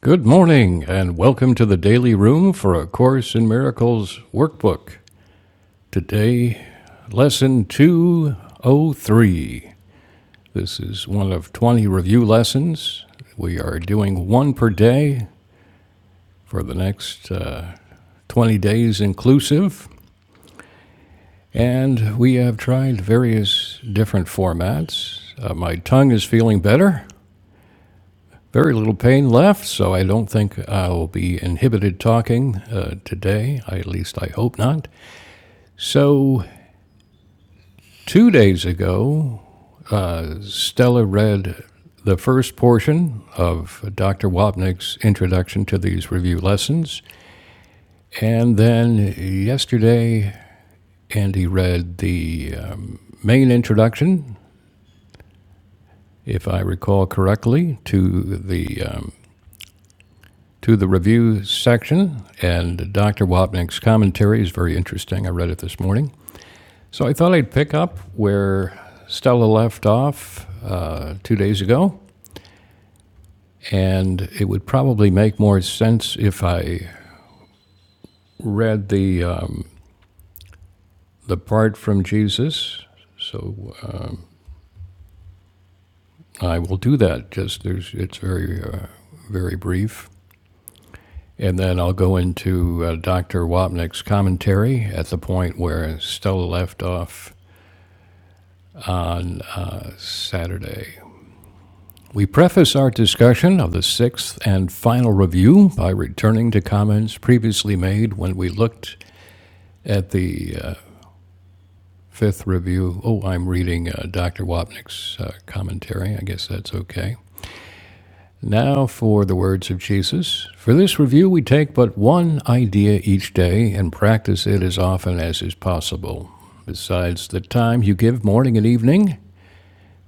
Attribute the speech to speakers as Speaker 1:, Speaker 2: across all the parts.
Speaker 1: Good morning, and welcome to the Daily Room for A Course in Miracles workbook. Today, lesson 203. This is one of 20 review lessons. We are doing one per day for the next uh, 20 days inclusive, and we have tried various different formats. Uh, my tongue is feeling better. very little pain left, so I don't think I will be inhibited talking uh, today. At least I hope not. So, two days ago, Stella read the first portion of Dr. Wapnick's introduction to these review lessons. And then yesterday, Andy read the um, main introduction, if I recall correctly, to the um, to the review section, and Dr. Wapnick's commentary is very interesting. I read it this morning. So I thought I'd pick up where Stella left off uh, two days ago, and it would probably make more sense if I read the, um, the part from Jesus. So uh, I will do that. Just there's, it's very, uh, very brief. And then I'll go into uh, Dr. Wapnick's commentary at the point where Stella left off Saturday. We preface our discussion of the sixth and final review by returning to comments previously made when we looked at the uh, fifth review. Oh, I'm reading uh, Dr. Wapnick's uh, commentary. I guess that's okay. Now for the words of Jesus. For this review, we take but one idea each day and practice it as often as is possible. Besides the time you give morning and evening,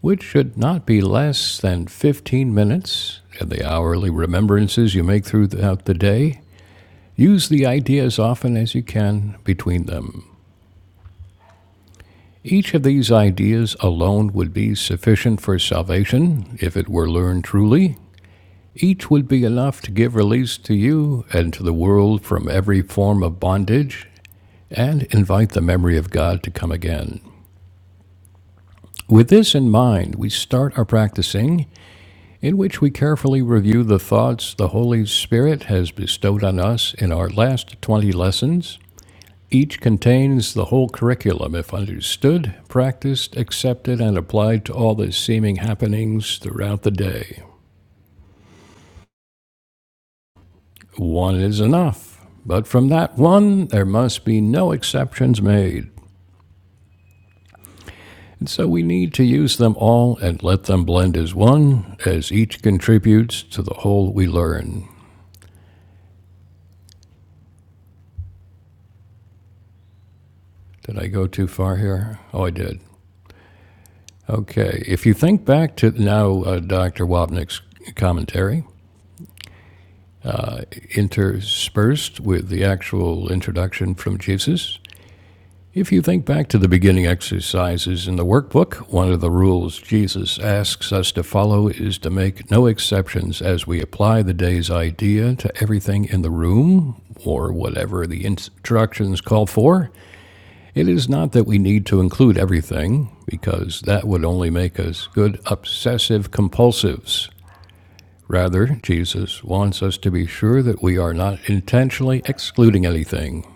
Speaker 1: which should not be less than 15 minutes, and the hourly remembrances you make throughout the day, use the idea as often as you can between them. Each of these ideas alone would be sufficient for salvation if it were learned truly. Each would be enough to give release to you and to the world from every form of bondage and invite the memory of God to come again. With this in mind, we start our practicing in which we carefully review the thoughts the Holy Spirit has bestowed on us in our last 20 lessons. Each contains the whole curriculum if understood, practiced, accepted, and applied to all the seeming happenings throughout the day. One is enough, but from that one, there must be no exceptions made. And so we need to use them all and let them blend as one, as each contributes to the whole we learn. Did I go too far here? Oh, I did. Okay. If you think back to now uh, Dr. Wapnick's commentary, interspersed with the actual introduction from Jesus, if you think back to the beginning exercises in the workbook, one of the rules Jesus asks us to follow is to make no exceptions as we apply the day's idea to everything in the room or whatever the instructions call for. It is not that we need to include everything, because that would only make us good obsessive compulsives. Rather, Jesus wants us to be sure that we are not intentionally excluding anything.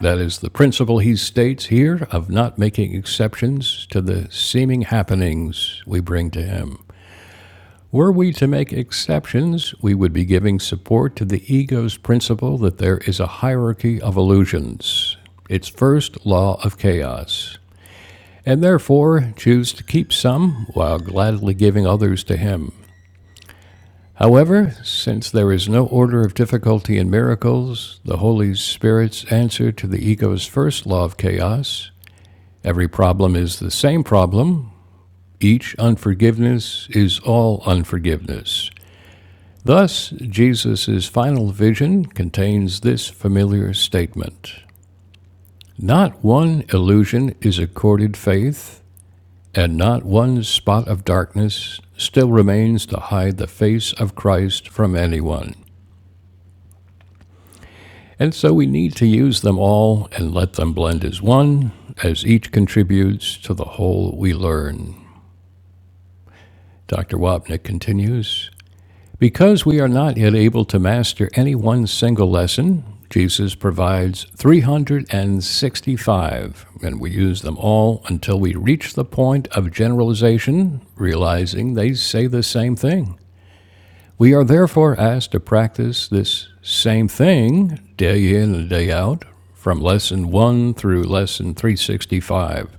Speaker 1: That is the principle he states here of not making exceptions to the seeming happenings we bring to him. Were we to make exceptions, we would be giving support to the ego's principle that there is a hierarchy of illusions, its first law of chaos, and therefore choose to keep some while gladly giving others to him. However, since there is no order of difficulty in miracles, the Holy Spirit's answer to the ego's first law of chaos every problem is the same problem, each unforgiveness is all unforgiveness. Thus, Jesus' final vision contains this familiar statement Not one illusion is accorded faith, and not one spot of darkness still remains to hide the face of Christ from anyone. And so we need to use them all and let them blend as one, as each contributes to the whole we learn. Dr. Wapnick continues Because we are not yet able to master any one single lesson, Jesus provides 365, and we use them all until we reach the point of generalization, realizing they say the same thing. We are therefore asked to practice this same thing day in and day out from lesson 1 through lesson 365.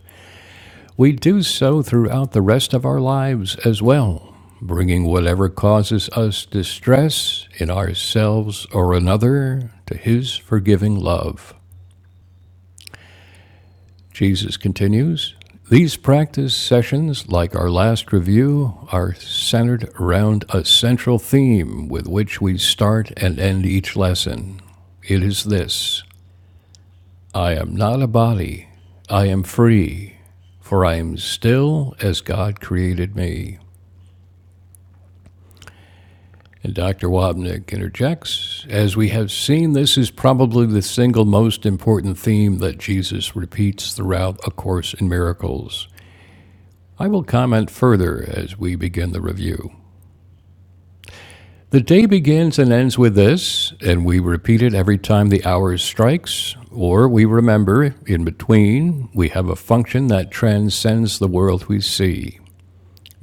Speaker 1: We do so throughout the rest of our lives as well, bringing whatever causes us distress in ourselves or another to His forgiving love. Jesus continues These practice sessions, like our last review, are centered around a central theme with which we start and end each lesson. It is this I am not a body, I am free, for I am still as God created me. And Dr. Wapnick interjects As we have seen, this is probably the single most important theme that Jesus repeats throughout A Course in Miracles. I will comment further as we begin the review. The day begins and ends with this, and we repeat it every time the hours strikes, or we remember in between we have a function that transcends the world we see.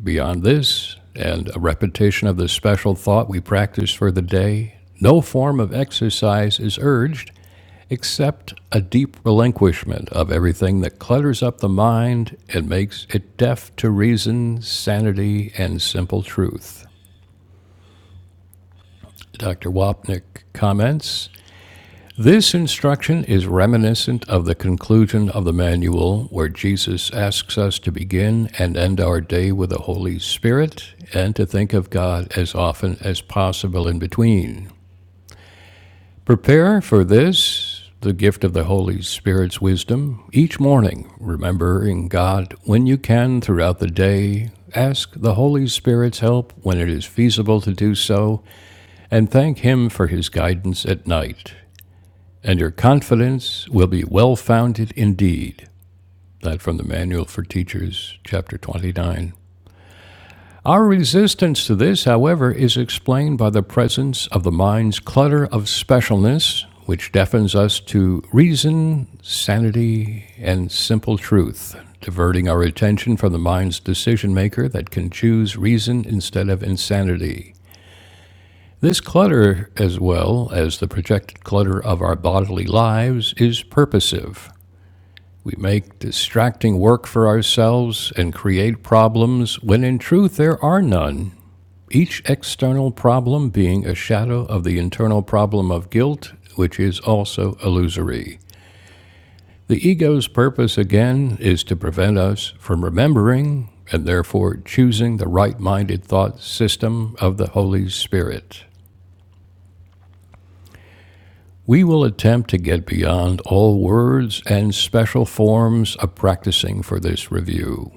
Speaker 1: Beyond this, and a repetition of the special thought we practice for the day, no form of exercise is urged, except a deep relinquishment of everything that clutters up the mind and makes it deaf to reason, sanity, and simple truth. Dr. Wapnick comments This instruction is reminiscent of the conclusion of the manual, where Jesus asks us to begin and end our day with the Holy Spirit and to think of God as often as possible in between. Prepare for this, the gift of the Holy Spirit's wisdom, each morning, remembering God when you can throughout the day. Ask the Holy Spirit's help when it is feasible to do so, and thank Him for His guidance at night. And your confidence will be well founded indeed. That from the Manual for Teachers, chapter 29. Our resistance to this, however, is explained by the presence of the mind's clutter of specialness, which deafens us to reason, sanity, and simple truth, diverting our attention from the mind's decision maker that can choose reason instead of insanity. This clutter, as well as the projected clutter of our bodily lives, is purposive. We make distracting work for ourselves and create problems when in truth there are none each external problem being a shadow of the internal problem of guilt, which is also illusory. The ego's purpose, again, is to prevent us from remembering and therefore choosing the right minded thought system of the Holy Spirit. We will attempt to get beyond all words and special forms of practicing for this review.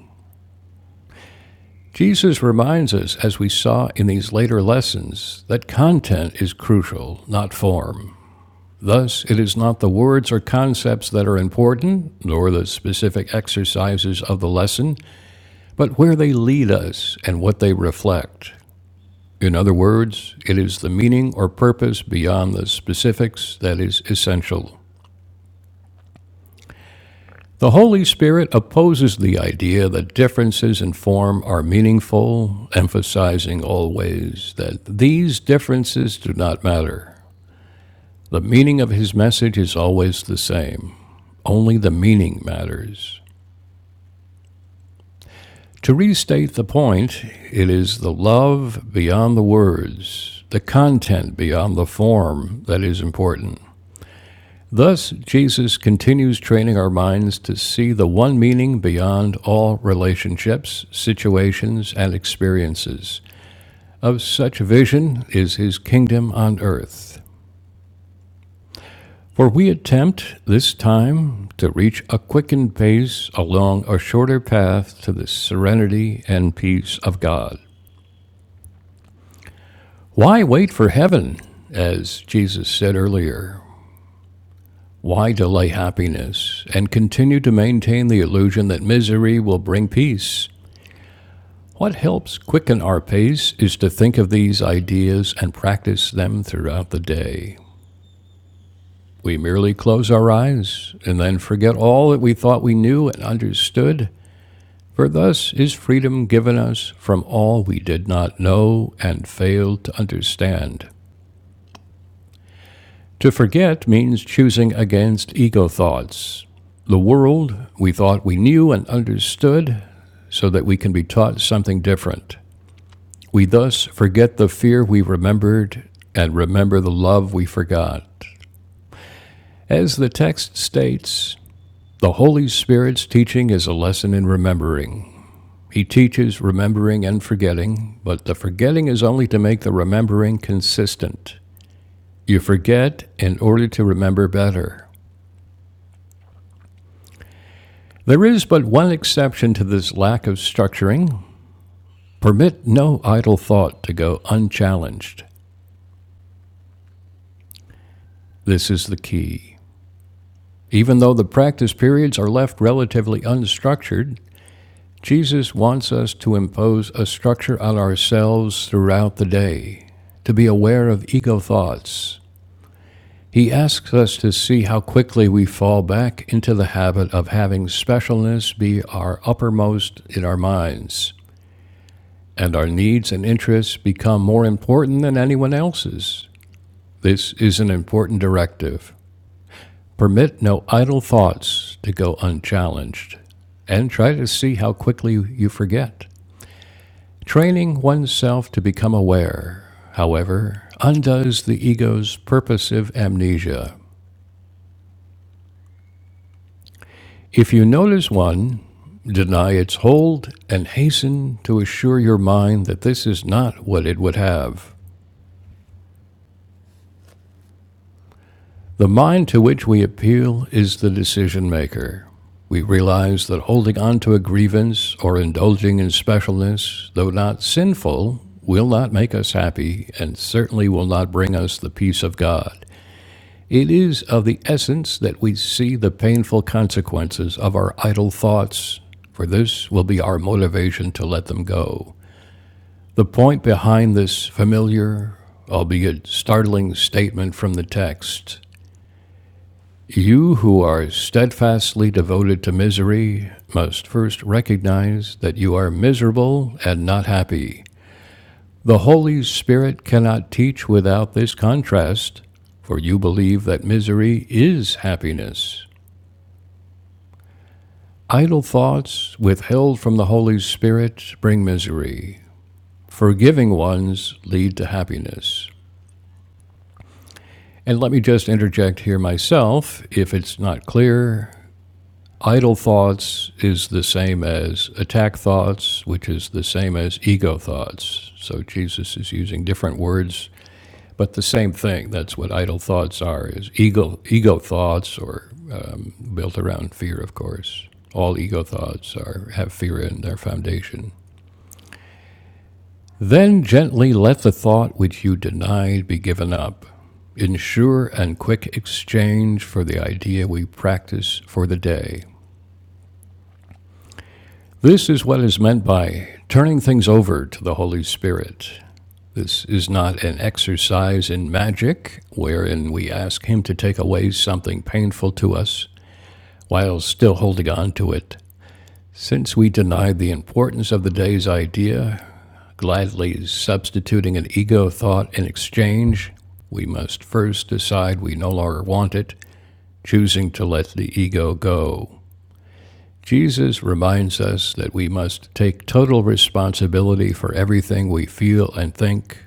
Speaker 1: Jesus reminds us, as we saw in these later lessons, that content is crucial, not form. Thus, it is not the words or concepts that are important, nor the specific exercises of the lesson, but where they lead us and what they reflect. In other words, it is the meaning or purpose beyond the specifics that is essential. The Holy Spirit opposes the idea that differences in form are meaningful, emphasizing always that these differences do not matter. The meaning of his message is always the same. Only the meaning matters. To restate the point, it is the love beyond the words, the content beyond the form that is important. Thus, Jesus continues training our minds to see the one meaning beyond all relationships, situations, and experiences. Of such vision is his kingdom on earth. For we attempt, this time, to reach a quickened pace along a shorter path to the serenity and peace of God. Why wait for heaven? As Jesus said earlier, why delay happiness and continue to maintain the illusion that misery will bring peace? What helps quicken our pace is to think of these ideas and practice them throughout the day. We merely close our eyes and then forget all that we thought we knew and understood, for thus is freedom given us from all we did not know and failed to understand. To forget means choosing against ego thoughts. The world we thought we knew and understood so that we can be taught something different. We thus forget the fear we remembered and remember the love we forgot. As the text states, the Holy Spirit's teaching is a lesson in remembering. He teaches remembering and forgetting, but the forgetting is only to make the remembering consistent. You forget in order to remember better. There is but one exception to this lack of structuring. Permit no idle thought to go unchallenged. This is the key. Even though the practice periods are left relatively unstructured, Jesus wants us to impose a structure on ourselves throughout the day, to be aware of ego thoughts. He asks us to see how quickly we fall back into the habit of having specialness be our uppermost in our minds. and our needs and interests become more important than anyone else's. This is an important directive. Permit no idle thoughts to go unchallenged, and try to see how quickly you forget. Training oneself to become aware, however, undoes the ego's purposive amnesia. If you notice one, deny its hold and hasten to assure your mind that this is not what it would have. The mind to which we appeal is the decision maker. We realize that holding on to a grievance or indulging in specialness, though not sinful, will not make us happy and certainly will not bring us the peace of God. It is of the essence that we see the painful consequences of our idle thoughts, for this will be our motivation to let them go. The point behind this familiar, albeit startling statement from the text you who are steadfastly devoted to misery must first recognize that you are miserable and not happy. The Holy Spirit cannot teach without this contrast, for you believe that misery is happiness. Idle thoughts withheld from the Holy Spirit bring misery. Forgiving ones lead to happiness. And let me just interject here myself if it's not clear Idle thoughts is the same as attack thoughts, which is the same as ego thoughts. So Jesus is using different words, but the same thing. That's what idle thoughts are: is ego ego thoughts, or um, built around fear, of course. All ego thoughts are have fear in their foundation. Then gently let the thought which you denied be given up. in sure and quick exchange for the idea we practice for the day. This is what is meant by turning things over to the Holy Spirit. This is not an exercise in magic wherein we ask Him to take away something painful to us while still holding on to it. Since we denied the importance of the day's idea, gladly substituting an ego thought in exchange, we must first decide we no longer want it, choosing to let the ego go. Jesus reminds us that we must take total responsibility for everything we feel and think.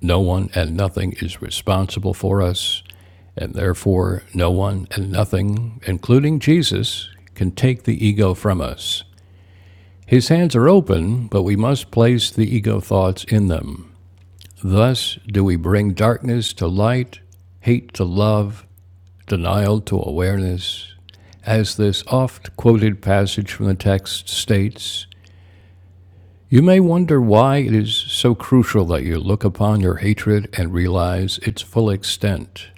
Speaker 1: No one and nothing is responsible for us, and therefore no one and nothing, including Jesus, can take the ego from us. His hands are open, but we must place the ego thoughts in them. Thus do we bring darkness to light, hate to love, denial to awareness. As this oft quoted passage from the text states, you may wonder why it is so crucial that you look upon your hatred and realize its full extent.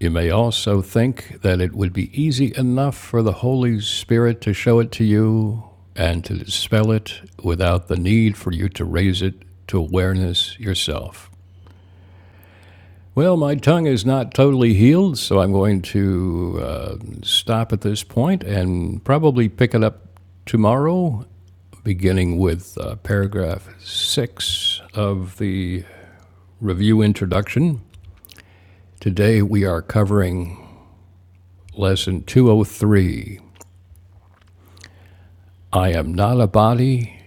Speaker 1: You may also think that it would be easy enough for the Holy Spirit to show it to you and to dispel it without the need for you to raise it to awareness yourself. Well, my tongue is not totally healed, so I'm going to uh, stop at this point and probably pick it up tomorrow, beginning with uh, paragraph six of the review introduction. Today we are covering lesson 203 I am not a body,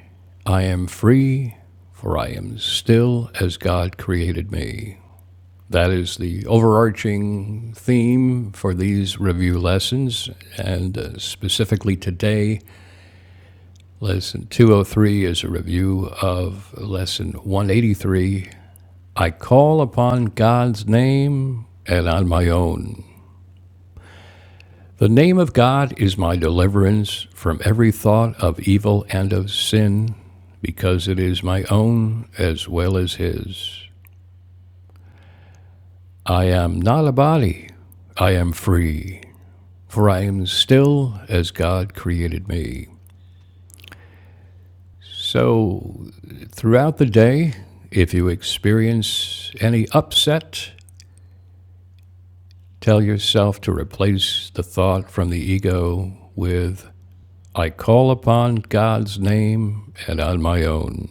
Speaker 1: I am free, for I am still as God created me. That is the overarching theme for these review lessons, and uh, specifically today, lesson 203 is a review of lesson 183 I call upon God's name and on my own. The name of God is my deliverance from every thought of evil and of sin, because it is my own as well as His. I am not a body, I am free. for I am still as God created me. So, throughout the day, if you experience any upset, tell yourself to replace the thought from the ego with, I call upon God's name and on my own.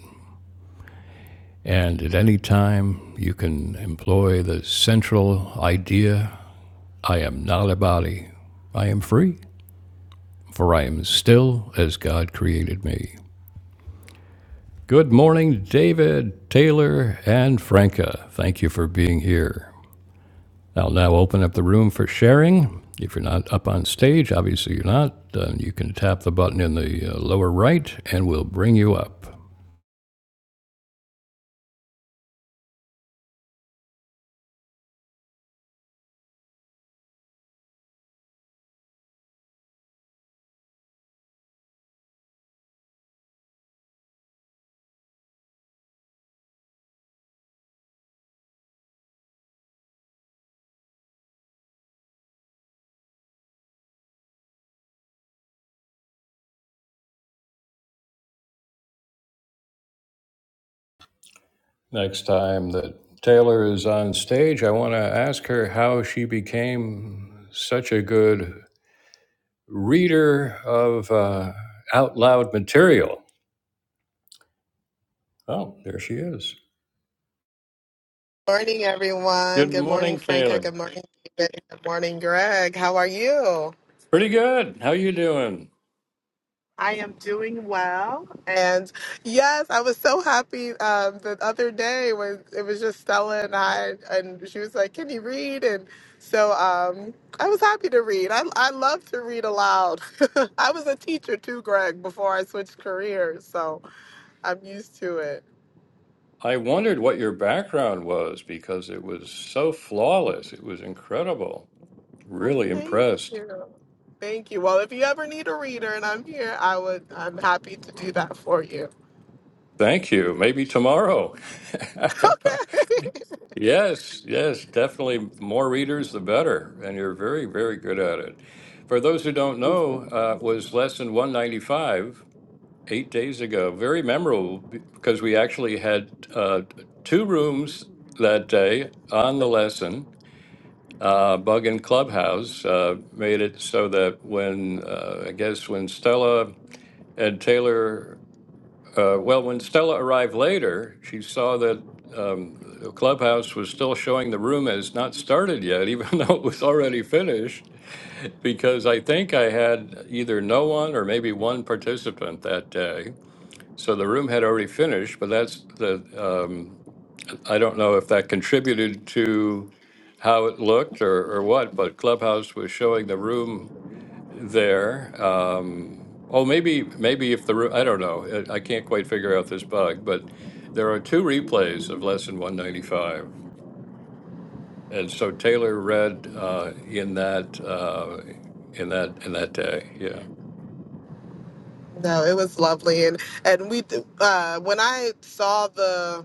Speaker 1: And at any time, you can employ the central idea I am not a body, I am free, for I am still as God created me. Good morning, David, Taylor, and Franca. Thank you for being here. I'll now open up the room for sharing. If you're not up on stage, obviously you're not, then you can tap the button in the uh, lower right and we'll bring you up. Next time that Taylor is on stage, I want to ask her how she became such a good reader of uh, out loud material. Oh, there she is.
Speaker 2: morning, everyone.
Speaker 1: Good
Speaker 2: Good morning,
Speaker 1: morning,
Speaker 2: Franca.
Speaker 1: Taylor.
Speaker 2: Good morning, David. Good morning, Greg. How are you?
Speaker 1: Pretty good. How you doing?
Speaker 2: I am doing well. And yes, I was so happy um, the other day when it was just Stella and I, and she was like, Can you read? And so um, I was happy to read. I, I love to read aloud. I was a teacher too, Greg, before I switched careers. So I'm used to it.
Speaker 1: I wondered what your background was because it was so flawless. It was incredible.
Speaker 2: Oh,
Speaker 1: Really
Speaker 2: thank
Speaker 1: impressed.
Speaker 2: you. Thank you. Well, if you ever need a reader and I'm here, I would I'm happy to do that for you.
Speaker 1: Thank you. Maybe tomorrow.
Speaker 2: okay.
Speaker 1: yes, yes, definitely more readers the better. And you're very, very good at it. For those who don't know, uh, was lesson 195 eight days ago. Very memorable be- because we actually had uh, two rooms that day on the lesson uh, bug in Clubhouse uh, made it so that when uh, I guess when Stella and Taylor, uh, well, when Stella arrived later, she saw that um, the Clubhouse was still showing the room as not started yet, even though it was already finished. Because I think I had either no one or maybe one participant that day. So the room had already finished, but that's the um, I don't know if that contributed to how it looked or, or what, but Clubhouse was showing the room there. Um, oh, maybe maybe if the room, I don't know. I, I can't quite figure out this bug, but there are two replays of lesson 195, and so Taylor read uh, in that uh, in that in that day. Yeah.
Speaker 2: No, it was lovely and and we uh when I saw the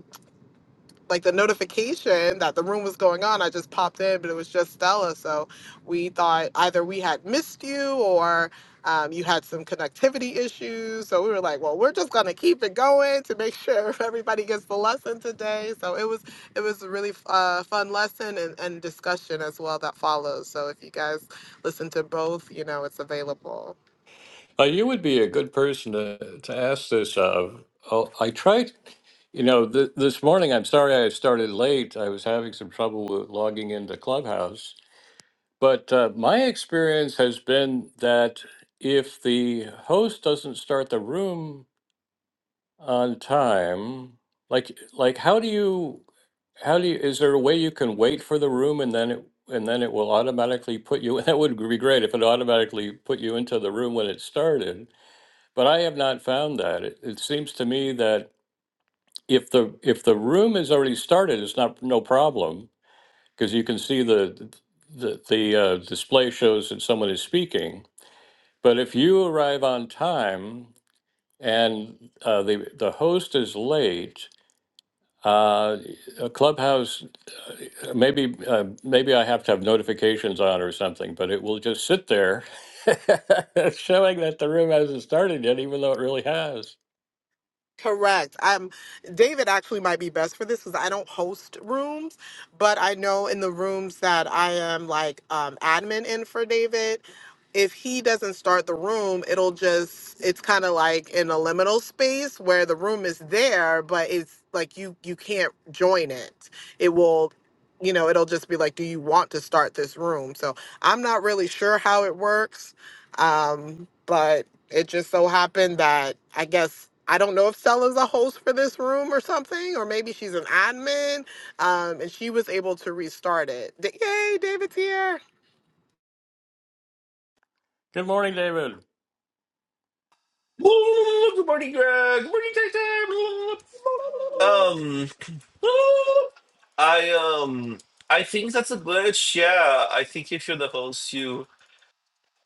Speaker 2: like the notification that the room was going on, I just popped in, but it was just Stella. So we thought either we had missed you or um, you had some connectivity issues. So we were like, well, we're just gonna keep it going to make sure everybody gets the lesson today. So it was it was a really uh, fun lesson and, and discussion as well that follows. So if you guys listen to both, you know it's available.
Speaker 1: Uh, you would be a good person to, to ask this of. Oh, I tried, you know, th- this morning, I'm sorry I started late. I was having some trouble with logging into Clubhouse. But uh, my experience has been that if the host doesn't start the room on time, like like how do you how do you is there a way you can wait for the room and then it and then it will automatically put you that would be great if it automatically put you into the room when it started but I have not found that. It, it seems to me that if the if the room is already started, it's not no problem because you can see the the the uh, display shows that someone is speaking. But if you arrive on time and uh, the the host is late, uh, a clubhouse maybe uh, maybe I have to have notifications on or something, but it will just sit there. showing that the room hasn't started yet, even though it really has.
Speaker 2: Correct. Um, David actually might be best for this because I don't host rooms, but I know in the rooms that I am like um, admin in for David, if he doesn't start the room, it'll just it's kind of like in a liminal space where the room is there, but it's like you you can't join it. It will, you know, it'll just be like, do you want to start this room? So I'm not really sure how it works um, but it just so happened that I guess I don't know if Stella's a host for this room or something, or maybe she's an admin. Um, and she was able to restart it. D- Yay, David's here.
Speaker 1: Good morning, David.
Speaker 3: Good morning, Greg. Good morning, Tyson. Um, I um, I think that's a glitch. Yeah, I think if you're the host, you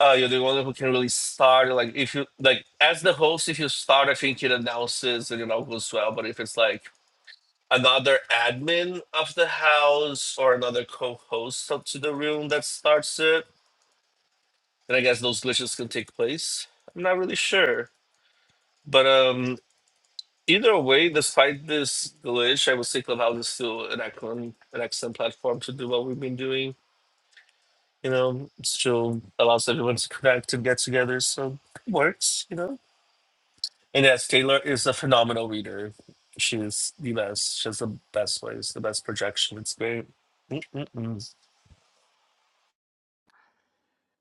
Speaker 3: uh, you're the one who can really start. Like, if you like as the host, if you start, I think it announces and it all goes well. But if it's like another admin of the house or another co-host up to the room that starts it, then I guess those glitches can take place. I'm not really sure, but um. Either way, despite this glitch, I would say Clubhouse is still an excellent, an excellent platform to do what we've been doing. You know, it still allows everyone to connect and get together, so it works. You know, and yes, Taylor is a phenomenal reader. She's the best. She has the best voice, the best projection. It's great. Mm-mm-mm.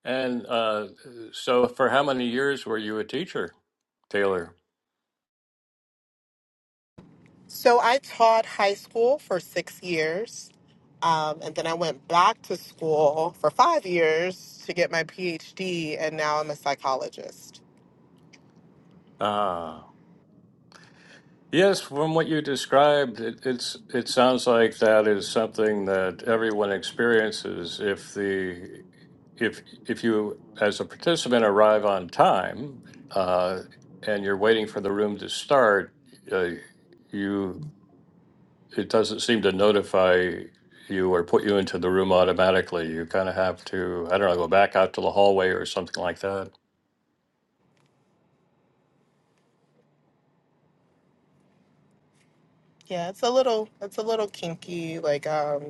Speaker 1: And uh, so, for how many years were you a teacher, Taylor?
Speaker 2: So I taught high school for six years. Um, and then I went back to school for five years to get my PhD, and now I'm a psychologist.
Speaker 1: Ah, yes. From what you described, it, it's it sounds like that is something that everyone experiences. If the if if you as a participant arrive on time, uh, and you're waiting for the room to start, uh, you it doesn't seem to notify you or put you into the room automatically. You kind of have to I don't know go back out to the hallway or something like that.
Speaker 2: Yeah, it's a little, it's a little kinky, like um,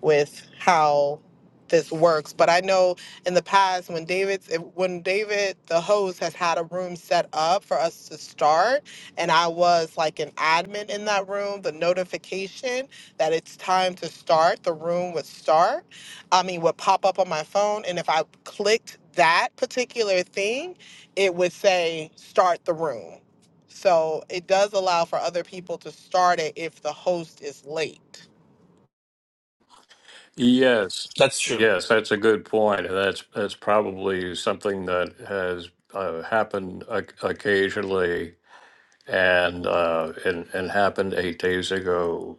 Speaker 2: with how this works. But I know in the past when David's if- when David the host has had a room set up for us to start, and I was like an admin in that room, the notification that it's time to start, the room would start. I mean, would pop up on my phone, and if I clicked that particular thing, it would say start the room. So it does allow for other people to start it if the host is late.
Speaker 1: Yes,
Speaker 3: That's true.
Speaker 1: yes, that's a good point. and That's that's probably something that has uh, happened o- occasionally, and uh, and and happened eight days ago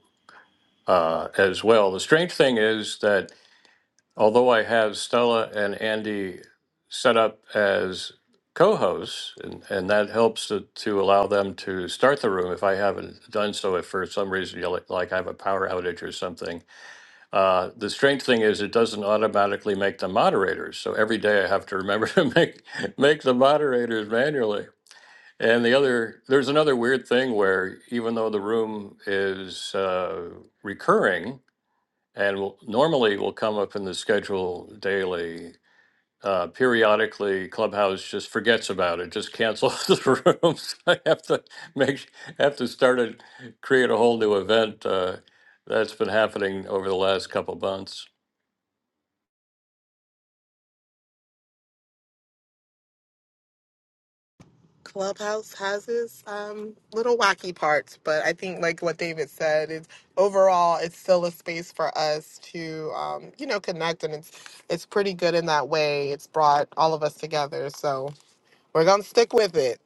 Speaker 1: uh, as well. The strange thing is that although I have Stella and Andy set up as co-hosts, and, and that helps to, to allow them to start the room if I haven't done so. If for some reason, you know, like, like I have a power outage or something uh, the strange thing is it doesn't automatically make them moderators. So every day I have to remember to make make the moderators manually. And the other there's another weird thing where even though the room is uh, recurring and will, normally will come up in the schedule daily, uh, periodically Clubhouse just forgets about it, just cancels the room. So I have to make have to start and create a whole new event. Uh, that's been happening over the last couple months.
Speaker 2: Clubhouse has its um, little wacky parts, but I think like what David said is overall it's still a space for us to um, you know connect, and it's it's pretty good in that way. It's brought all of us together, so we're gonna stick with it.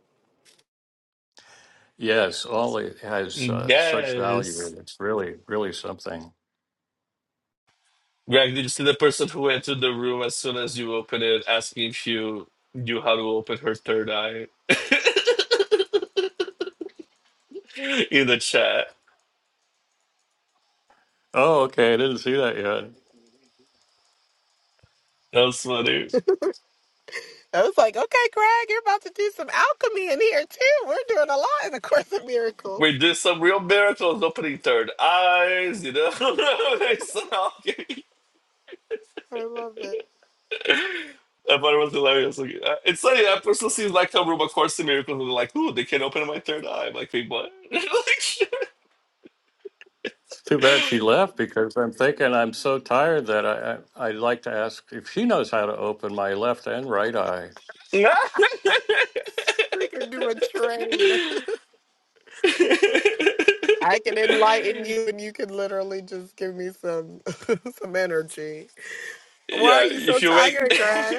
Speaker 1: Yes, all it has uh, such value.
Speaker 3: Yes,
Speaker 1: It's really, really something.
Speaker 3: Greg, did you see the person who entered the room as soon as you opened it, asking if you knew how to open her third eye? in the chat.
Speaker 1: Oh, okay. I didn't see that yet.
Speaker 3: That was funny.
Speaker 2: I was like, okay, Greg, you're about to do some alchemy in here too. We're doing a lot in the Course of Miracles.
Speaker 3: We did some real miracles opening third eyes, you know. They saw-
Speaker 2: I love it.
Speaker 3: I thought it was hilarious. Like, uh, It's funny, that person seems like some room of course in miracles and they're like, ooh, they can not open my third eye. I'm like, wait, what?
Speaker 1: It's too bad she left because I'm thinking I'm so tired that I, I I'd like to ask if she knows how to open my left and right eye.
Speaker 3: Like,
Speaker 2: We can do a trade. I can enlighten you, and you can literally just give me some some energy. Why are
Speaker 3: yeah,
Speaker 2: you so
Speaker 3: if you wake
Speaker 2: tired, Greg?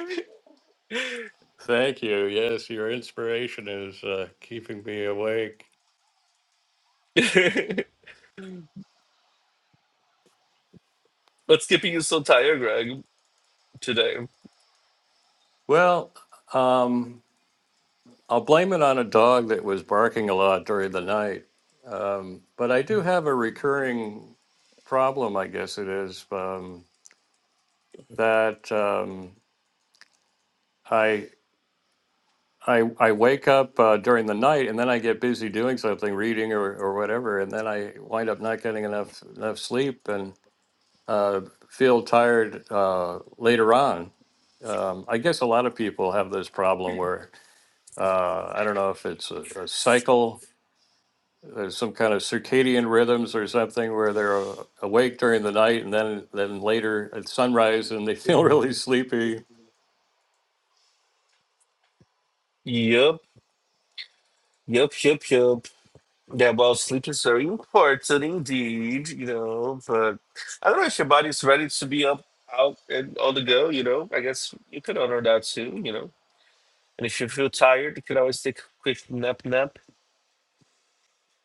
Speaker 1: Thank you. Yes, your inspiration is uh, keeping me awake.
Speaker 3: What's keeping you so tired, Greg, today?
Speaker 1: Well, um, I'll blame it on a dog that was barking a lot during the night. Um, but I do have a recurring problem, I guess it is. Um, that um, I I I wake up uh, during the night and then I get busy doing something, reading or, or whatever, and then I wind up not getting enough enough sleep and uh, feel tired uh, later on. Um, I guess a lot of people have this problem where uh, I don't know if it's a, a cycle, there's some kind of circadian rhythms or something where they're uh, awake during the night and then then later at sunrise and they feel really sleepy
Speaker 3: Yep. Yup, yup, yup. Yeah, well, sleep is very important indeed, you know. But I don't know if your body's ready to be up, out, and on the go, you know. I guess you could honor that too, you know. And if you feel tired, you can always take a quick nap, nap,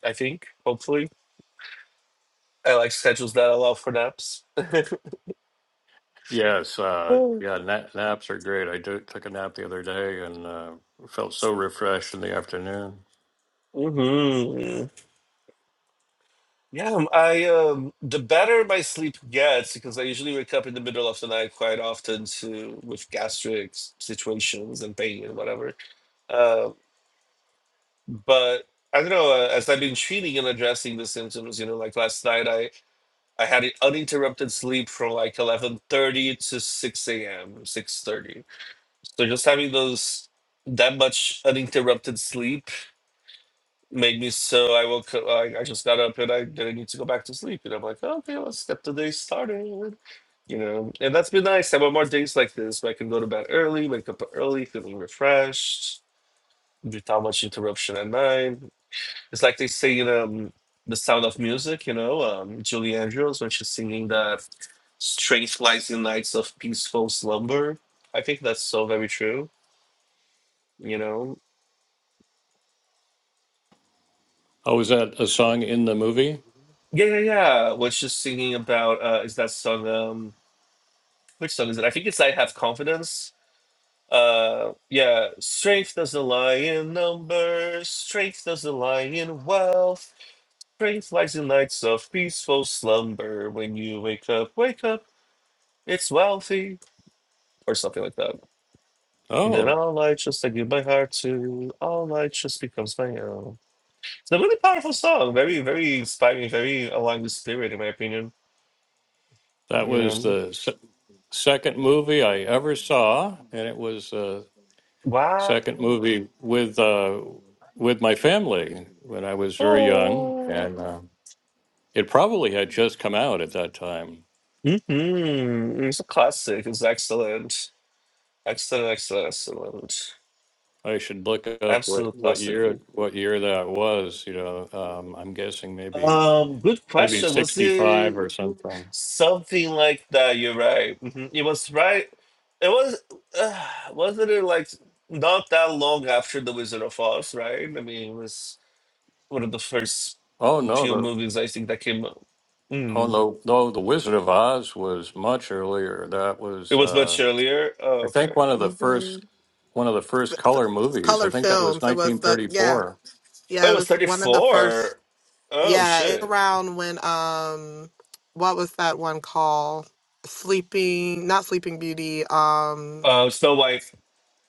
Speaker 3: I think, hopefully. I like schedules that allow for naps.
Speaker 1: Yes, uh,
Speaker 3: hmm
Speaker 1: yeah, na naps are great. I do, took a nap the other day and uh, felt so refreshed in the afternoon.
Speaker 3: Yeah, um, I um the better my sleep gets because I usually wake up in the middle of the night quite often to with gastric s- situations and pain and whatever. Uh, but I don't know. Uh, as I've been treating and addressing the symptoms, you know, like last night, I I had an uninterrupted sleep from like eleven thirty to six a.m. six thirty. So just having those that much uninterrupted sleep made me so I woke up. I, I just got up and I didn't need to go back to sleep. And I'm like, okay, let's get the day started. You know, and that's been nice. I want more days like this where I can go to bed early, wake up early, feeling refreshed, without much interruption at night. It's like they say in um, The Sound of Music, you know, um, Julie Andrews, when she's singing that "Strength lies in nights of peaceful slumber. I think that's so very true, you know.
Speaker 1: Oh, was that a song in the movie?
Speaker 3: Yeah, yeah, yeah. When she's singing about, uh, is that song, um, which song is it? I think it's I Have Confidence. Uh, yeah, strength doesn't lie in numbers, strength doesn't lie in wealth, strength lies in nights of peaceful slumber. When you wake up, wake up, it's wealthy. or something like that. Then
Speaker 1: Oh,
Speaker 3: all I just I give my heart to all I just becomes my own. It's a really powerful song, very very inspiring, very along the spirit in my opinion.
Speaker 1: that
Speaker 3: You
Speaker 1: was
Speaker 3: know,
Speaker 1: the se second movie I ever saw, and it was the
Speaker 3: wow,
Speaker 1: second movie with uh, with my family when I was very young,
Speaker 3: oh,
Speaker 1: and uh, it probably had just come out at that time.
Speaker 3: mm-hmm. it's a classic. It's excellent, excellent, excellent, excellent,
Speaker 1: I should look up what,
Speaker 3: absolute
Speaker 1: what
Speaker 3: classic.
Speaker 1: year what year that was. You know, um, I'm guessing maybe.
Speaker 3: Um, good
Speaker 1: maybe
Speaker 3: question. Was it?
Speaker 1: 65 or something.
Speaker 3: Something like that. You're right. Mhm. It was right. It was uh, wasn't it like not that long after The Wizard of Oz, right? I mean, it was one of the first
Speaker 1: Oh, no,
Speaker 3: few
Speaker 1: the
Speaker 3: movies I think that came out.
Speaker 1: oh,
Speaker 3: Mm.
Speaker 1: no, no, The Wizard of Oz was much earlier. That
Speaker 3: It
Speaker 1: was,
Speaker 3: was
Speaker 1: uh,
Speaker 3: much earlier.
Speaker 1: I
Speaker 3: Oh,
Speaker 1: think,
Speaker 3: okay.
Speaker 1: one of the
Speaker 2: hmm
Speaker 1: first one of the first color movies. I
Speaker 2: Color
Speaker 1: think that was
Speaker 2: Films. It was the yeah,
Speaker 1: 1934.
Speaker 3: Oh,
Speaker 2: yeah.
Speaker 3: it
Speaker 2: It
Speaker 3: was
Speaker 2: was
Speaker 3: thirty
Speaker 2: one of the first.
Speaker 3: four. Oh
Speaker 2: Yeah, it
Speaker 3: shit.
Speaker 2: around when um, what was that one called? Sleeping, not Sleeping Beauty. Um,
Speaker 3: Oh, Snow White.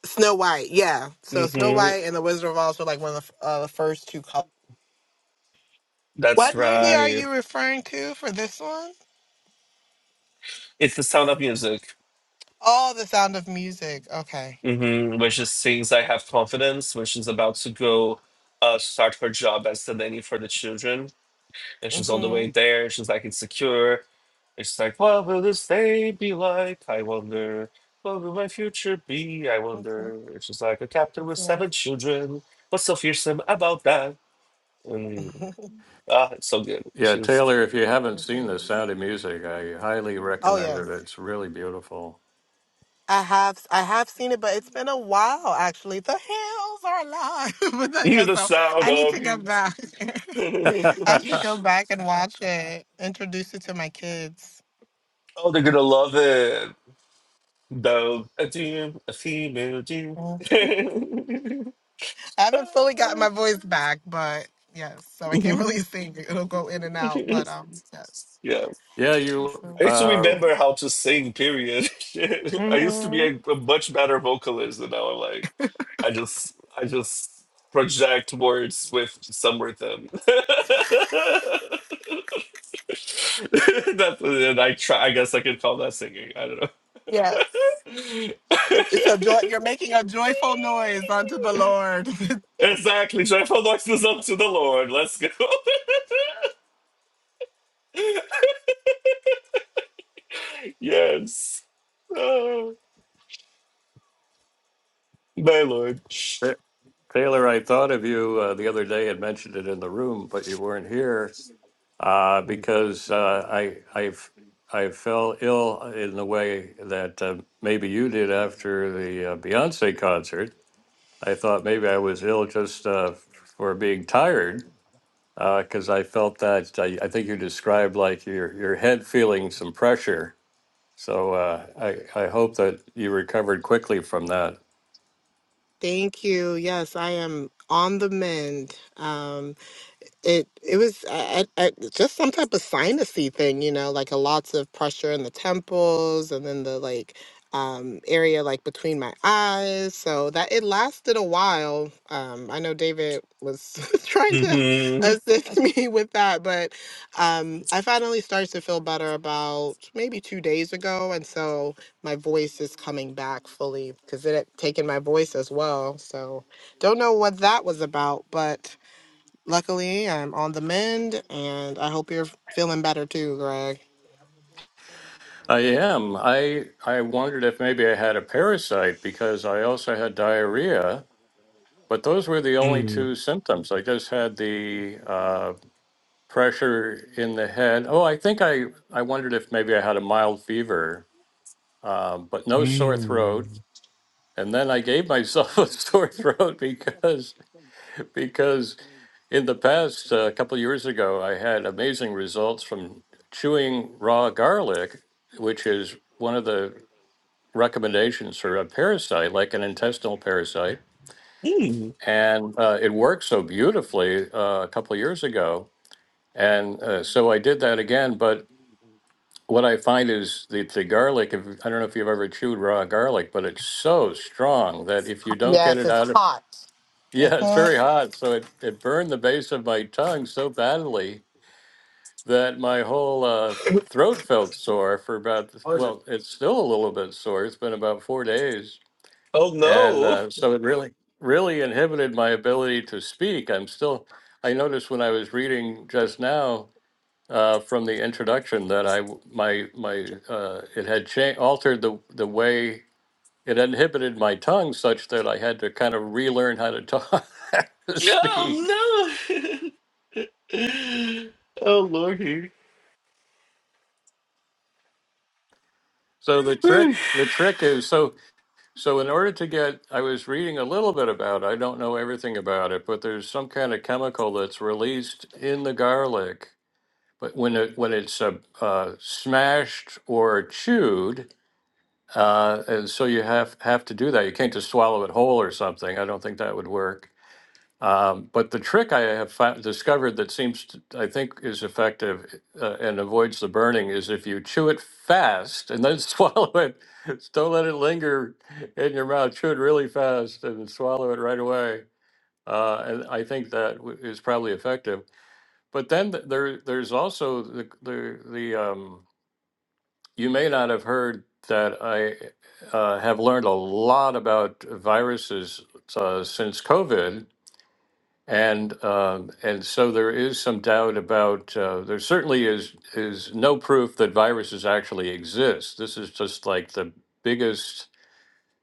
Speaker 2: Snow White. Yeah. So Snow
Speaker 3: hmm
Speaker 2: White and the Wizard of Oz were like one of the f- uh, the first two. Color.
Speaker 3: That's
Speaker 2: What movie are
Speaker 3: right.
Speaker 2: you referring to for this one?
Speaker 3: It's the Sound of Music.
Speaker 2: Oh, The Sound of Music. Okay.
Speaker 3: hmm which is things I have confidence, which is about to go uh, start her job as the nanny for the children. And she's on the
Speaker 2: Mhm.
Speaker 3: way there. She's like insecure. And she's like, what will this day be like? I wonder. What will my future be? I
Speaker 2: Mhm.
Speaker 3: wonder. And she's like, a captain with seven
Speaker 2: Mhm.
Speaker 3: children. What's so fearsome about that? And
Speaker 2: Mhm.
Speaker 3: ah, it's so good.
Speaker 1: Yeah,
Speaker 3: She's,
Speaker 1: Taylor, if you haven't
Speaker 2: Here it
Speaker 1: seen The
Speaker 2: comes.
Speaker 1: Sound of Music, I highly
Speaker 2: Oh
Speaker 1: recommend it.
Speaker 2: yes.
Speaker 1: It's really beautiful.
Speaker 2: I have I have seen it, but it's been a while actually. The hills are alive. But yeah,
Speaker 3: the
Speaker 2: so
Speaker 3: sound
Speaker 2: I need
Speaker 3: of
Speaker 2: to go
Speaker 3: music.
Speaker 2: back.
Speaker 3: oh,
Speaker 2: I should
Speaker 1: yeah,
Speaker 2: go back and watch it. Introduce it to my kids.
Speaker 3: they're going to love it. Though a Jew, a female Jew.
Speaker 2: Mhm.
Speaker 3: yeah.
Speaker 2: I haven't fully gotten my voice back, but yes, so I can't really sing. It'll go in and out, but um, yes.
Speaker 1: you,
Speaker 3: I
Speaker 2: So
Speaker 3: used to
Speaker 1: uh,
Speaker 3: remember
Speaker 2: excellent.
Speaker 3: how to sing, period. Shit. I used to be
Speaker 2: Mhm.
Speaker 3: a, a much better vocalist and now I'm like I just I just project words with some rhythm. That's and I try I guess I could call that singing. I don't know.
Speaker 2: Yes. It's a joy. You're making a joyful noise unto the Lord.
Speaker 3: Exactly. Joyful noises unto the Lord. Let's go. yes. Oh, my Lord.
Speaker 1: Ta- Taylor, I thought of you uh, the other day and mentioned it in the room, but you weren't here. uh, because uh, I I've I fell ill in the way that uh, maybe you did after the uh, Beyonce concert. I thought maybe I was ill just uh, for being tired because I felt that I, I think you described like your your head feeling some pressure. So uh, I I hope that you recovered quickly from that.
Speaker 2: Thank you. Yes, I am on the mend. Um, it it was I, I, I- just some type of sinusy thing, you know, like a lots of pressure in the temples and then the like um area like between my eyes. So that it lasted a while. Um, I know David was trying to
Speaker 3: Mhm.
Speaker 2: assist me with that, but um, I finally started to feel better about maybe two days ago, and so my voice is coming back fully because it had taken my voice as well. So don't know what that was about, but luckily I'm on the mend and I hope you're feeling better too, Greg.
Speaker 1: I am. I I wondered if maybe I had a parasite because I also had diarrhea But those were the only
Speaker 3: Mm.
Speaker 1: two symptoms. I just had the uh, pressure in the head. Oh, I think I, I wondered if maybe I had a mild fever, um, but no sore
Speaker 3: Mm.
Speaker 1: throat. And then I gave myself a sore throat because because in the past, uh, a couple of years ago, I had amazing results from chewing raw garlic, which is one of the recommendations for a parasite, like an intestinal parasite
Speaker 3: Mm.
Speaker 1: and uh, it worked so beautifully uh, a couple of years ago, and uh, so I did that again. But what I find is that the garlic. If, I don't know if you've ever chewed raw garlic, but it's so strong that if you don't get
Speaker 2: Yes,
Speaker 1: it
Speaker 2: it's
Speaker 1: out of
Speaker 2: hot.
Speaker 1: yeah, it's very
Speaker 2: Mhm.
Speaker 1: hot. So it, it burned the base of my tongue so badly that my whole uh, throat felt sore for about, well, it's still a little bit sore. It's been about four days
Speaker 3: Oh
Speaker 1: and
Speaker 3: no.
Speaker 1: uh, so it really really inhibited my ability to speak i'm still i noticed when i was reading just now uh, from the introduction that i w- my my uh, it had cha- altered the the way it inhibited my tongue such that i had to kind of relearn how to talk to speak
Speaker 3: Oh no. oh Lordy.
Speaker 1: so the trick
Speaker 3: Whew.
Speaker 1: the trick is so so in order to get i was reading a little bit about it, i don't know everything about it but there's some kind of chemical that's released in the garlic But when it when it's uh, uh, smashed or chewed, uh, and so you have have to do that. You can't just swallow it whole or something. I don't think that would work. Um, but the trick I have found, discovered that seems to, I think is effective uh, and avoids the burning is if you chew it fast and then swallow it. Don't let it linger in your mouth. Chew it really fast and swallow it right away. Uh, and I think that w- is probably effective. But then th- there, there's also the the, the um, you may not have heard that I uh, have learned a lot about viruses uh, since COVID, and um, and so there is some doubt about. Uh, there certainly is is no proof that viruses actually exist. This is just like the biggest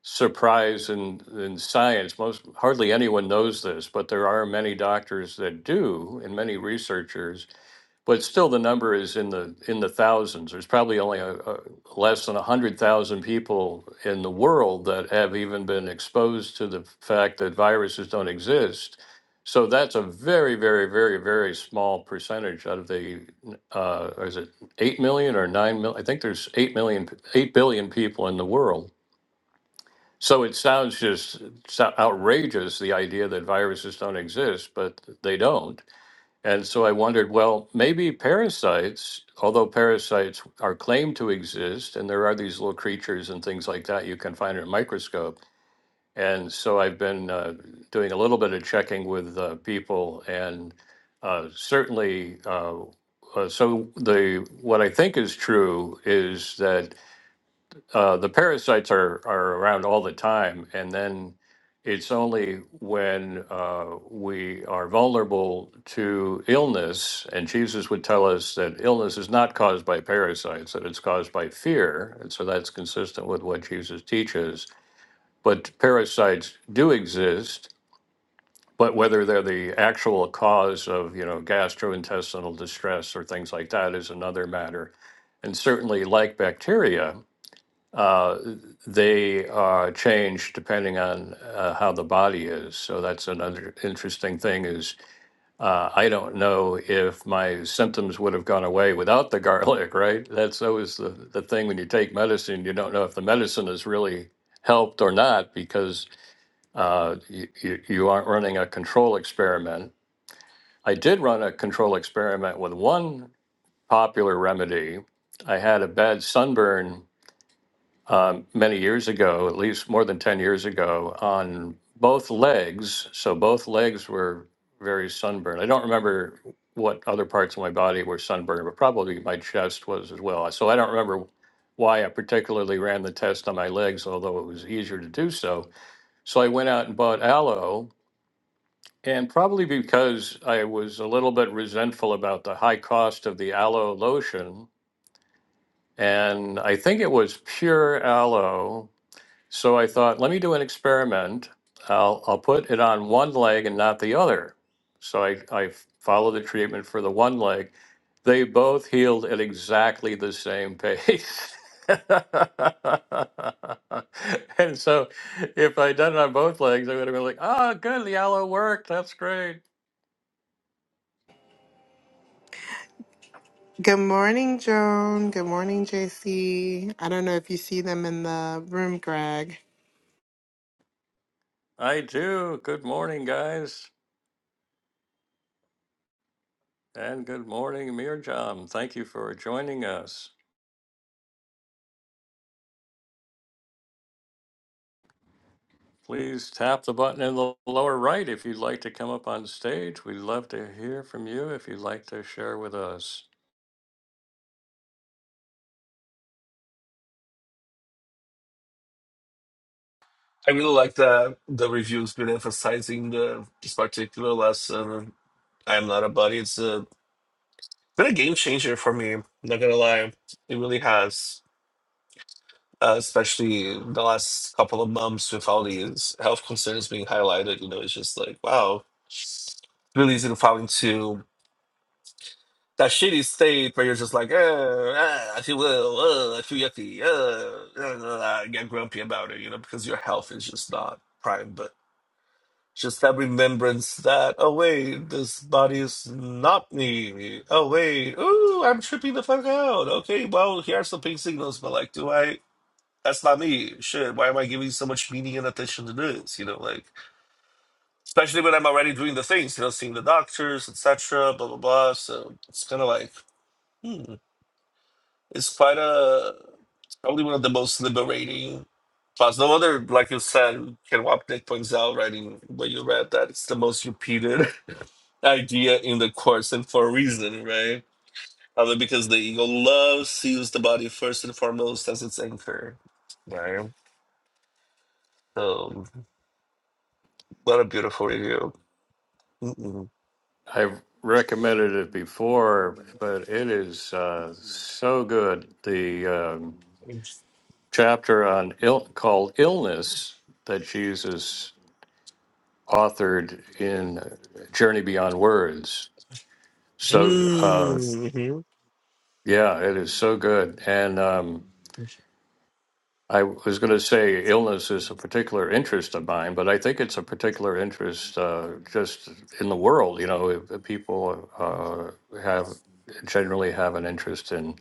Speaker 1: surprise in, in science. Most hardly anyone knows this, but there are many doctors that do, and many researchers. But still, the number is in the in the thousands. There's probably only a, a, less than a hundred thousand people in the world that have even been exposed to the fact that viruses don't exist. So that's a very, very, very, very small percentage out of the. Uh, is it eight million or nine million? I think there's eight million, eight billion people in the world. So it sounds just so- outrageous, the idea that viruses don't exist, but they don't. And so I wondered, well, maybe parasites, although parasites are claimed to exist, and there are these little creatures and things like that you can find in a microscope. And so I've been uh, doing a little bit of checking with uh, people, and uh, certainly, uh, uh, so the what I think is true is that uh, the parasites are, are around all the time, and then it's only when uh, we are vulnerable to illness, and Jesus would tell us that illness is not caused by parasites, that it's caused by fear. And so that's consistent with what Jesus teaches. But parasites do exist, but whether they're the actual cause of, you know, gastrointestinal distress or things like that is another matter. And certainly, like bacteria, uh, they are changed depending on uh, how the body is. So that's another interesting thing is uh, I don't know if my symptoms would have gone away without the garlic, right? That's always the, the thing when you take medicine, you don't know if the medicine has really helped or not because uh, you, you you aren't running a control experiment. I did run a control experiment with one popular remedy. I had a bad sunburn um, many years ago, at least more than 10 years ago, on both legs. So both legs were very sunburned. I don't remember what other parts of my body were sunburned, but probably my chest was as well. So I don't remember why I particularly ran the test on my legs, although it was easier to do so. So I went out and bought aloe. And probably because I was a little bit resentful about the high cost of the aloe lotion, and I think it was pure aloe so I thought, let me do an experiment. I'll, I'll put it on one leg and not the other. So I, I followed the treatment for the one leg. They both healed at exactly the same pace. and so if I'd done it on both legs, I would have been like, oh, good, the aloe worked. That's great.
Speaker 2: Good morning, Joan. Good morning, JC. I don't know if you see them in the room, Greg.
Speaker 1: I do. Good morning, guys. And good morning, Mirjam. Thank you for joining us. Please tap the button in the lower right if you'd like to come up on stage. We'd love to hear from you if you'd like to share with us.
Speaker 3: I really like that the review's been emphasizing the this particular lesson. I'm not a buddy. It's a been a game changer for me. Not gonna lie, it really has. uh, especially the last couple of months with all these health concerns being highlighted, you know, it's just like, wow, it's really easy to fall into that shitty state where you're just like, eh, eh, I feel ill, uh, I feel yucky, uh, uh, I get grumpy about it, you know, because your health is just not prime. But just that remembrance that, oh, wait, this body is not me. Oh, wait, ooh, I'm tripping the fuck out. Okay, well, here are some pink signals, but like, do I? That's not me. Shit, why am I giving so much meaning and attention to this? You know, like especially when I'm already doing the things, you know, seeing the doctors, etc. Blah blah blah. So it's kind of like, hmm, it's quite a it's probably one of the most liberating. Plus, no other, like you said, Ken Wapnick points out, writing when you read that it's the most repeated idea in the course, and for a reason, right? Probably because the ego loves to use the body first and foremost as its anchor, right? So. What a beautiful review. Mm-mm.
Speaker 1: I've recommended it before, but it is uh, so good. The um,
Speaker 3: Mhm.
Speaker 1: chapter on Ill- called Illness that Jesus authored in Journey Beyond Words. So, uh, yeah, it is so good. And um, I was going to say illness is a particular interest of mine, but I think it's a particular interest uh, just in the world. You know, if- if people uh, have generally have an interest in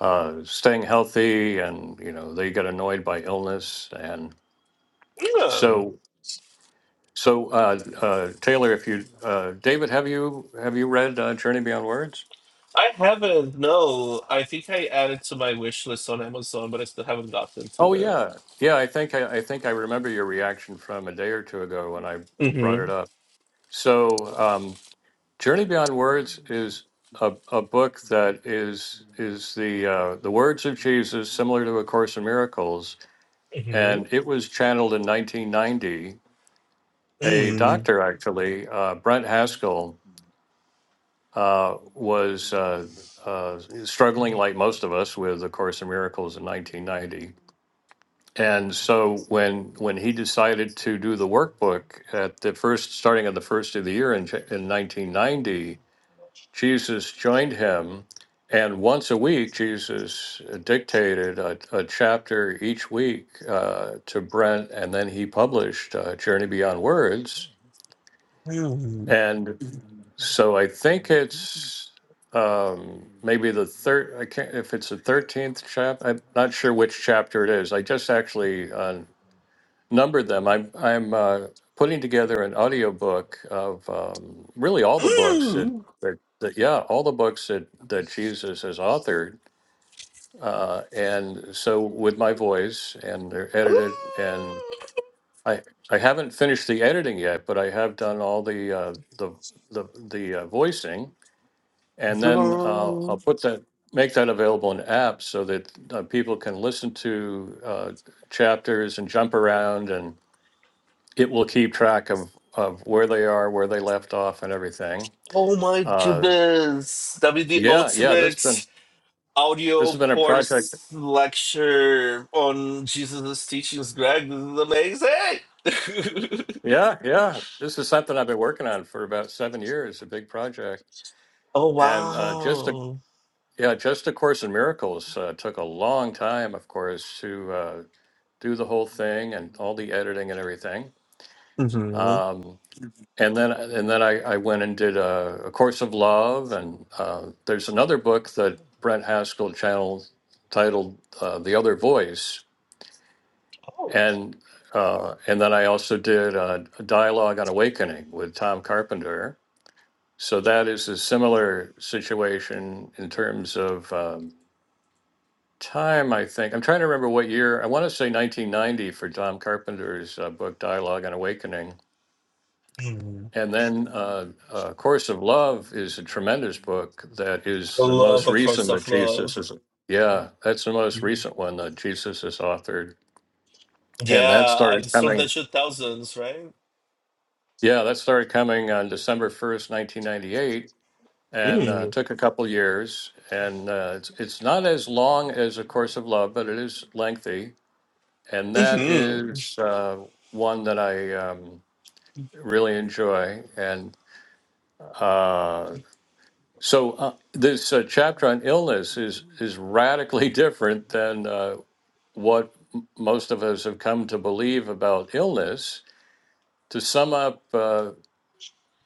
Speaker 1: uh, staying healthy, and you know, they get annoyed by illness, and
Speaker 3: Yeah.
Speaker 1: so so uh, uh, Taylor, if you uh, David, have you have you read uh, Journey Beyond Words?
Speaker 3: I haven't. No, I think I added to my wish list on Amazon, but I still haven't gotten to
Speaker 1: Oh
Speaker 3: it.
Speaker 1: yeah, yeah. I think I, I think I remember your reaction from a day or two ago when I brought
Speaker 3: Mm-hmm.
Speaker 1: it up. So. Um, Journey Beyond Words is a, a book that is is the uh, the words of Jesus, similar to A Course in Miracles,
Speaker 3: Mm-hmm.
Speaker 1: and it was channeled in 1990. A
Speaker 3: Mm.
Speaker 1: doctor, actually, uh, Brent Haskell, uh, was uh, uh, struggling like most of us with A Course in Miracles in 1990. And so when when he decided to do the workbook at the first, starting on the first of the year in, Ja, in 1990 Jesus joined him, and once a week, Jesus dictated a, a chapter each week uh, to Brent, and then he published uh, Journey Beyond Words. And so I think it's um, maybe the third. I can't if it's the thirteenth chapter. I'm not sure which chapter it is. I just actually on numbered them. I'm I'm uh, putting together an audiobook of um, really all the books that,
Speaker 3: Mm.
Speaker 1: that that yeah all the books that that Jesus has authored, uh, and so with my voice and they're
Speaker 3: Mm.
Speaker 1: edited and I I haven't finished the editing yet, but I have done all the uh, the the the uh, voicing, and then uh, I'll
Speaker 3: Girl.
Speaker 1: put that make that available in apps so that uh, people can listen to uh, chapters and jump around it will keep track of of where they are, where they left off, and everything.
Speaker 3: Oh my
Speaker 1: Uh,
Speaker 3: goodness! That'd be the
Speaker 1: yeah, yeah, this has been
Speaker 3: ultimate
Speaker 1: this
Speaker 3: audio
Speaker 1: has been a project.
Speaker 3: course lecture on Jesus' teachings. Greg, this is amazing.
Speaker 1: Yeah, yeah, this is something I've been working on for about seven years. A big project,
Speaker 3: Oh
Speaker 1: and uh, just a
Speaker 3: wow.
Speaker 1: yeah, just a course in miracles uh, took a long time, of course, to uh, do the whole thing and all the editing and everything.
Speaker 3: hmm
Speaker 1: Um, and then and then I, I went and did a, a course of love and uh, there's another book that Brent Haskell channeled titled uh, the other voice
Speaker 3: Oh,
Speaker 1: and uh, and then I also did a, a dialogue on awakening with Tom Carpenter so that is a similar situation in terms of um, time I think I'm trying to remember what year I want to say 1990 for Tom Carpenter's uh, book dialogue on awakening
Speaker 3: hmm
Speaker 1: And then uh, uh, Course of Love is a tremendous book that is
Speaker 3: I
Speaker 1: the
Speaker 3: love
Speaker 1: most
Speaker 3: A Course
Speaker 1: recent that
Speaker 3: of
Speaker 1: Jesus
Speaker 3: Love.
Speaker 1: is. Yeah, that's the most
Speaker 3: Mhm.
Speaker 1: recent one that Jesus has authored. And that
Speaker 3: Yeah, I
Speaker 1: started
Speaker 3: it's from the
Speaker 1: coming.
Speaker 3: two thousands, right?
Speaker 1: Yeah, that started coming on December 1st, 1998, and uh,
Speaker 3: Mm.
Speaker 1: took a couple years. And uh, it's, it's not as long as A Course of Love, but it is lengthy. And that
Speaker 3: Mm-hmm.
Speaker 1: is uh, one that I um, really enjoy. And uh, So uh, this uh, chapter on illness is is radically different than uh, what m- most of us have come to believe about illness. To sum up, uh,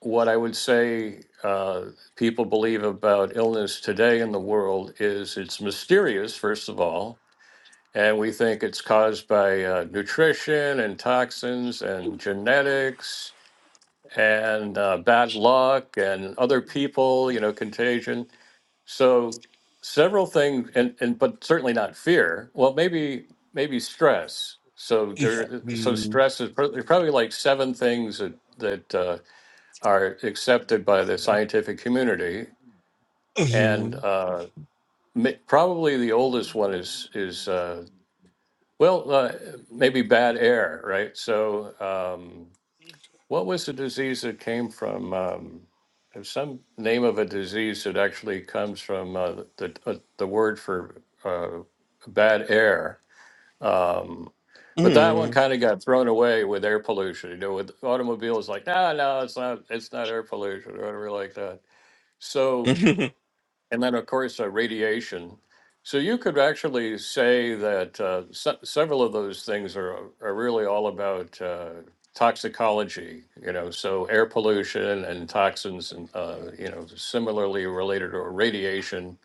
Speaker 1: what I would say uh, people believe about illness today in the world is it's mysterious, first of all, and we think it's caused by uh, nutrition and toxins and genetics and uh, bad luck and other people, you know, contagion. So several things, and, and but certainly not fear. Well, maybe maybe stress. So there, so stress is pro- there's probably like seven things that that uh, are accepted by the scientific community, and
Speaker 3: Mm-hmm.
Speaker 1: uh, ma- probably the oldest one is is uh, well uh, maybe bad air, right? So. Um, what was the disease that came from? Um, there's some name of a disease that actually comes from uh, the uh, the word for uh, bad air. Um, but that one
Speaker 3: Mm-hmm.
Speaker 1: kind of got thrown away with air pollution. You know, with automobiles, like no, no, it's not, it's not air pollution or whatever like that.
Speaker 3: Mm-hmm.
Speaker 1: So and then, of course, uh, radiation. So you could actually say that uh, se- several of those things are, are really all about uh, toxicology, you know, so air pollution and toxins, and, uh, you know, similarly related to radiation.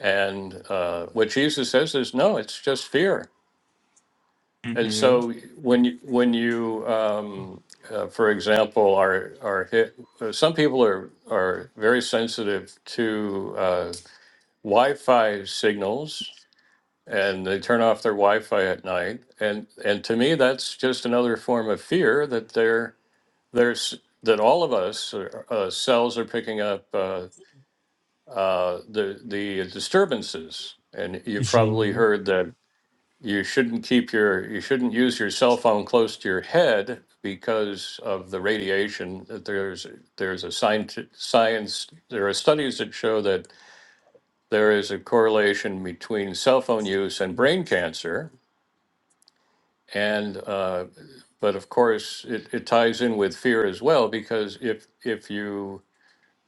Speaker 1: And uh, what Jesus says is, no, it's just fear. And
Speaker 3: Mm-hmm.
Speaker 1: so when you, when you um, uh, for example, are, are hit, uh, some people are, are very sensitive to. Uh, Wi-Fi signals and they turn off their Wi-Fi at night. And and to me, that's just another form of fear that they're there's that all of us uh, cells are picking up uh, uh, the the disturbances. And you've probably heard that you shouldn't keep your you shouldn't use your cell phone close to your head because of the radiation that there's there's a science science there are studies that show that there is a correlation between cell phone use and brain cancer. And uh, but of course, it, it ties in with fear as well because if if you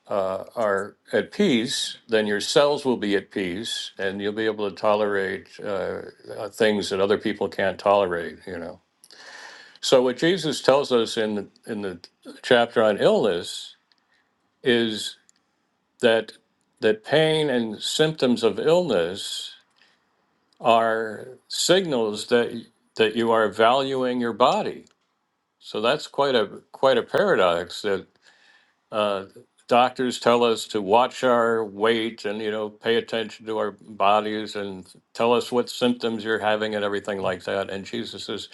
Speaker 1: uh, are at peace, then your cells will be at peace, and you'll be able to tolerate uh, uh, things that other people can't tolerate. You know. So what Jesus tells us in the, in the chapter on illness is that that pain and symptoms of illness are signals that that you are valuing your body. So that's quite a quite a paradox that uh, doctors tell us to watch our weight and you know pay attention to our bodies and tell us what symptoms you're having and everything like that. And Jesus says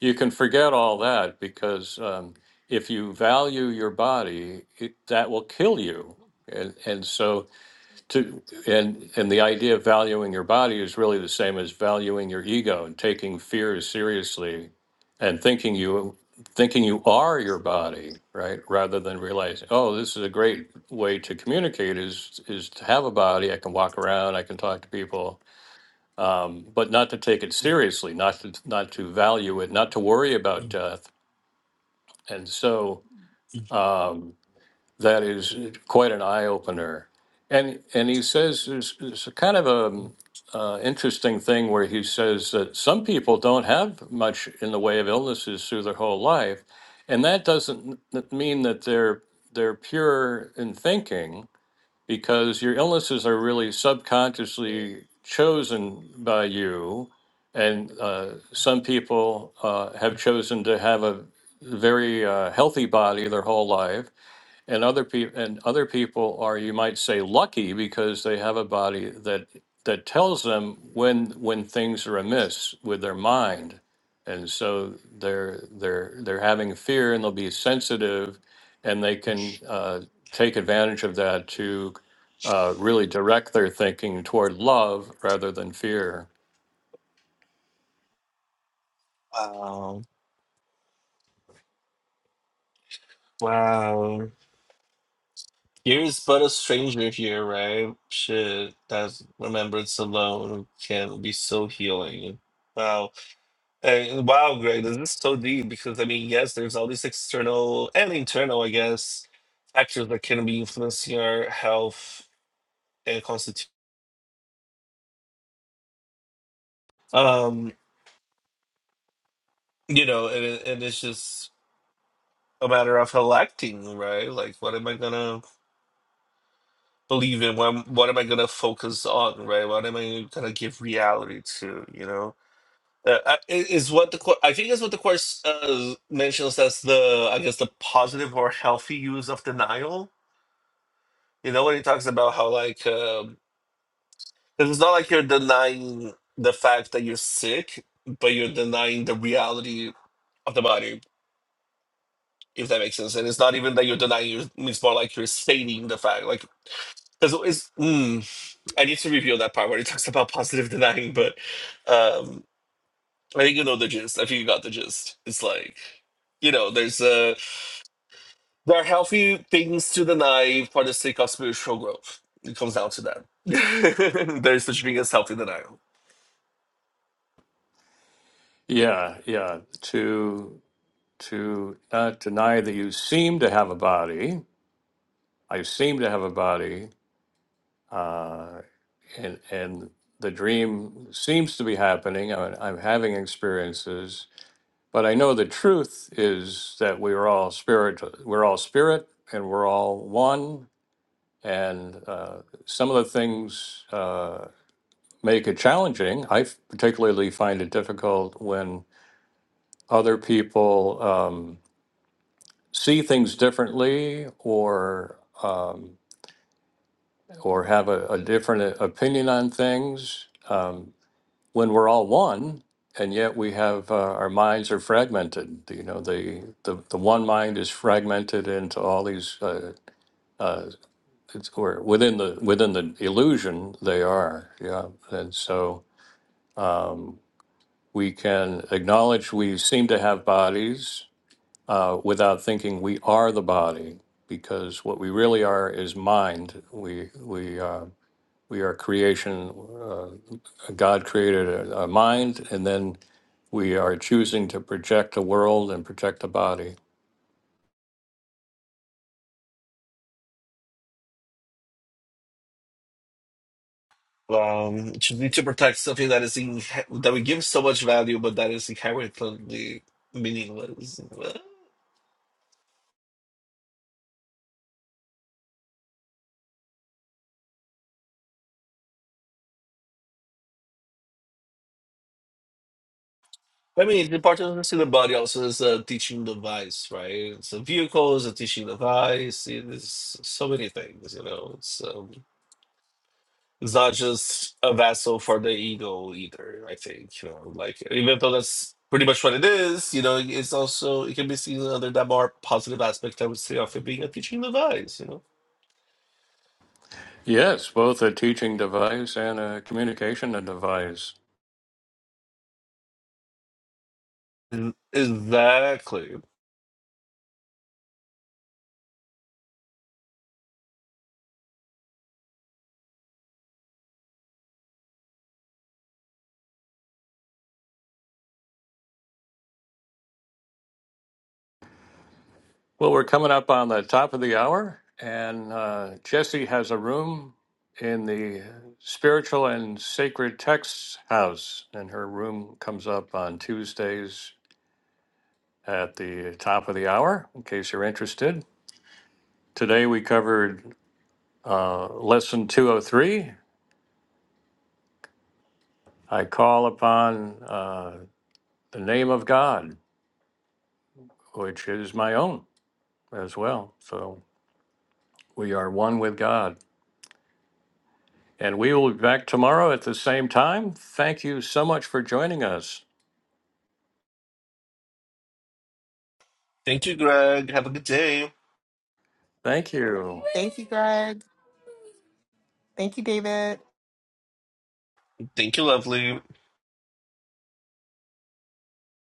Speaker 1: you can forget all that because um, if you value your body, it, that will kill you. And and so to and and the idea of valuing your body is really the same as valuing your ego and taking fears seriously and thinking you thinking you are your body right rather than realizing oh this is a great way to communicate is is to have a body i can walk around i can talk to people um, but not to take it seriously not to not to value it not to worry about death and so um, that is quite an eye opener. And and he says there's, there's a kind of a uh, interesting thing where he says that some people don't have much in the way of illnesses through their whole life, and that doesn't n- mean that they're they're pure in thinking because your illnesses are really subconsciously chosen by you, and uh, some people uh, have chosen to have a very uh, healthy body their whole life and other people and other people are you might say lucky because they have a body that that tells them when when things are amiss with their mind and so they're they're they're having fear and they'll be sensitive and they can uh, take advantage of that to uh, really direct their thinking toward love rather than fear
Speaker 3: Wow. Wow. Here's but a stranger here, right? Shit, that remembrance alone can be so healing. Wow. Uh, wow, Greg, this is so deep because I mean, yes, there's all these external and internal, I guess, factors that can be influencing our health and constitution. Um, you know, and it- and it's just a matter of electing, right? Like, what am I gonna believe in? What am, what am I gonna focus on, right? What am I gonna give reality to? You know, uh, I- i- is what the cour- I think is what the course uh, mentions as the I guess the positive or healthy use of denial You know when he talks about how like um 'cause it's not like you're denying the fact that you're sick, but you're denying the reality of the body, if that makes sense. And it's not even that you're denying you it's more like you're stating the fact. Like because it's mm, I need to review that part where he talks about positive denying, but um I think you know the gist. I think you got the gist. It's like you know, there's uh there are healthy things to deny for the sake of spiritual growth. It comes down to that. there is such thing as healthy denial.
Speaker 1: yeah yeah to to not deny that you seem to have a body i seem to have a body uh, and and the dream seems to be happening. I'm, I'm having experiences, but I know the truth is that we are all spirit. We're all spirit, and we're all one. And uh, some of the things uh, make it challenging. I f- particularly find it difficult when other people um, see things differently or um, or have a, a different opinion on things. Um, when we're all one and yet we have uh, our minds are fragmented you know the, the the one mind is fragmented into all these uh, it's or within the within the illusion they are yeah and so we can acknowledge we seem to have bodies uh, without thinking we are the body because what we really are is mind we we uh, we are creation uh, god created a, a mind and then We are choosing to project the world and project the body.
Speaker 3: Um, to need to protect something that is in, that we give so much value, but that is inherently meaningless. Well, I mean, the importance of the body also is a teaching device, right? It's a vehicle, it's a teaching device. It is so many things, you know. It's um, it's not just a vessel for the ego either. I think you know, like even though that's pretty much what it is, you know, it's also it can be seen under that more positive aspect. I would say of it being a teaching device, you know.
Speaker 1: Yes, both a teaching device and a communication device.
Speaker 3: Mm, Exactly.
Speaker 1: Well, we're coming up on the top of the hour, and uh, Jesse has a room in the Spiritual and Sacred Texts House, and her room comes up on Tuesdays at the top of the hour, in case you're interested. Today we covered uh, Lesson 203 I Call Upon uh, the Name of God which is my own as well. So we are one with God. And we will be back tomorrow at the same time. Thank you so much for joining us.
Speaker 3: Thank you, Greg. Have a good day.
Speaker 1: Thank you.
Speaker 2: Thank you, Greg. Thank you, David.
Speaker 3: Thank you, lovely.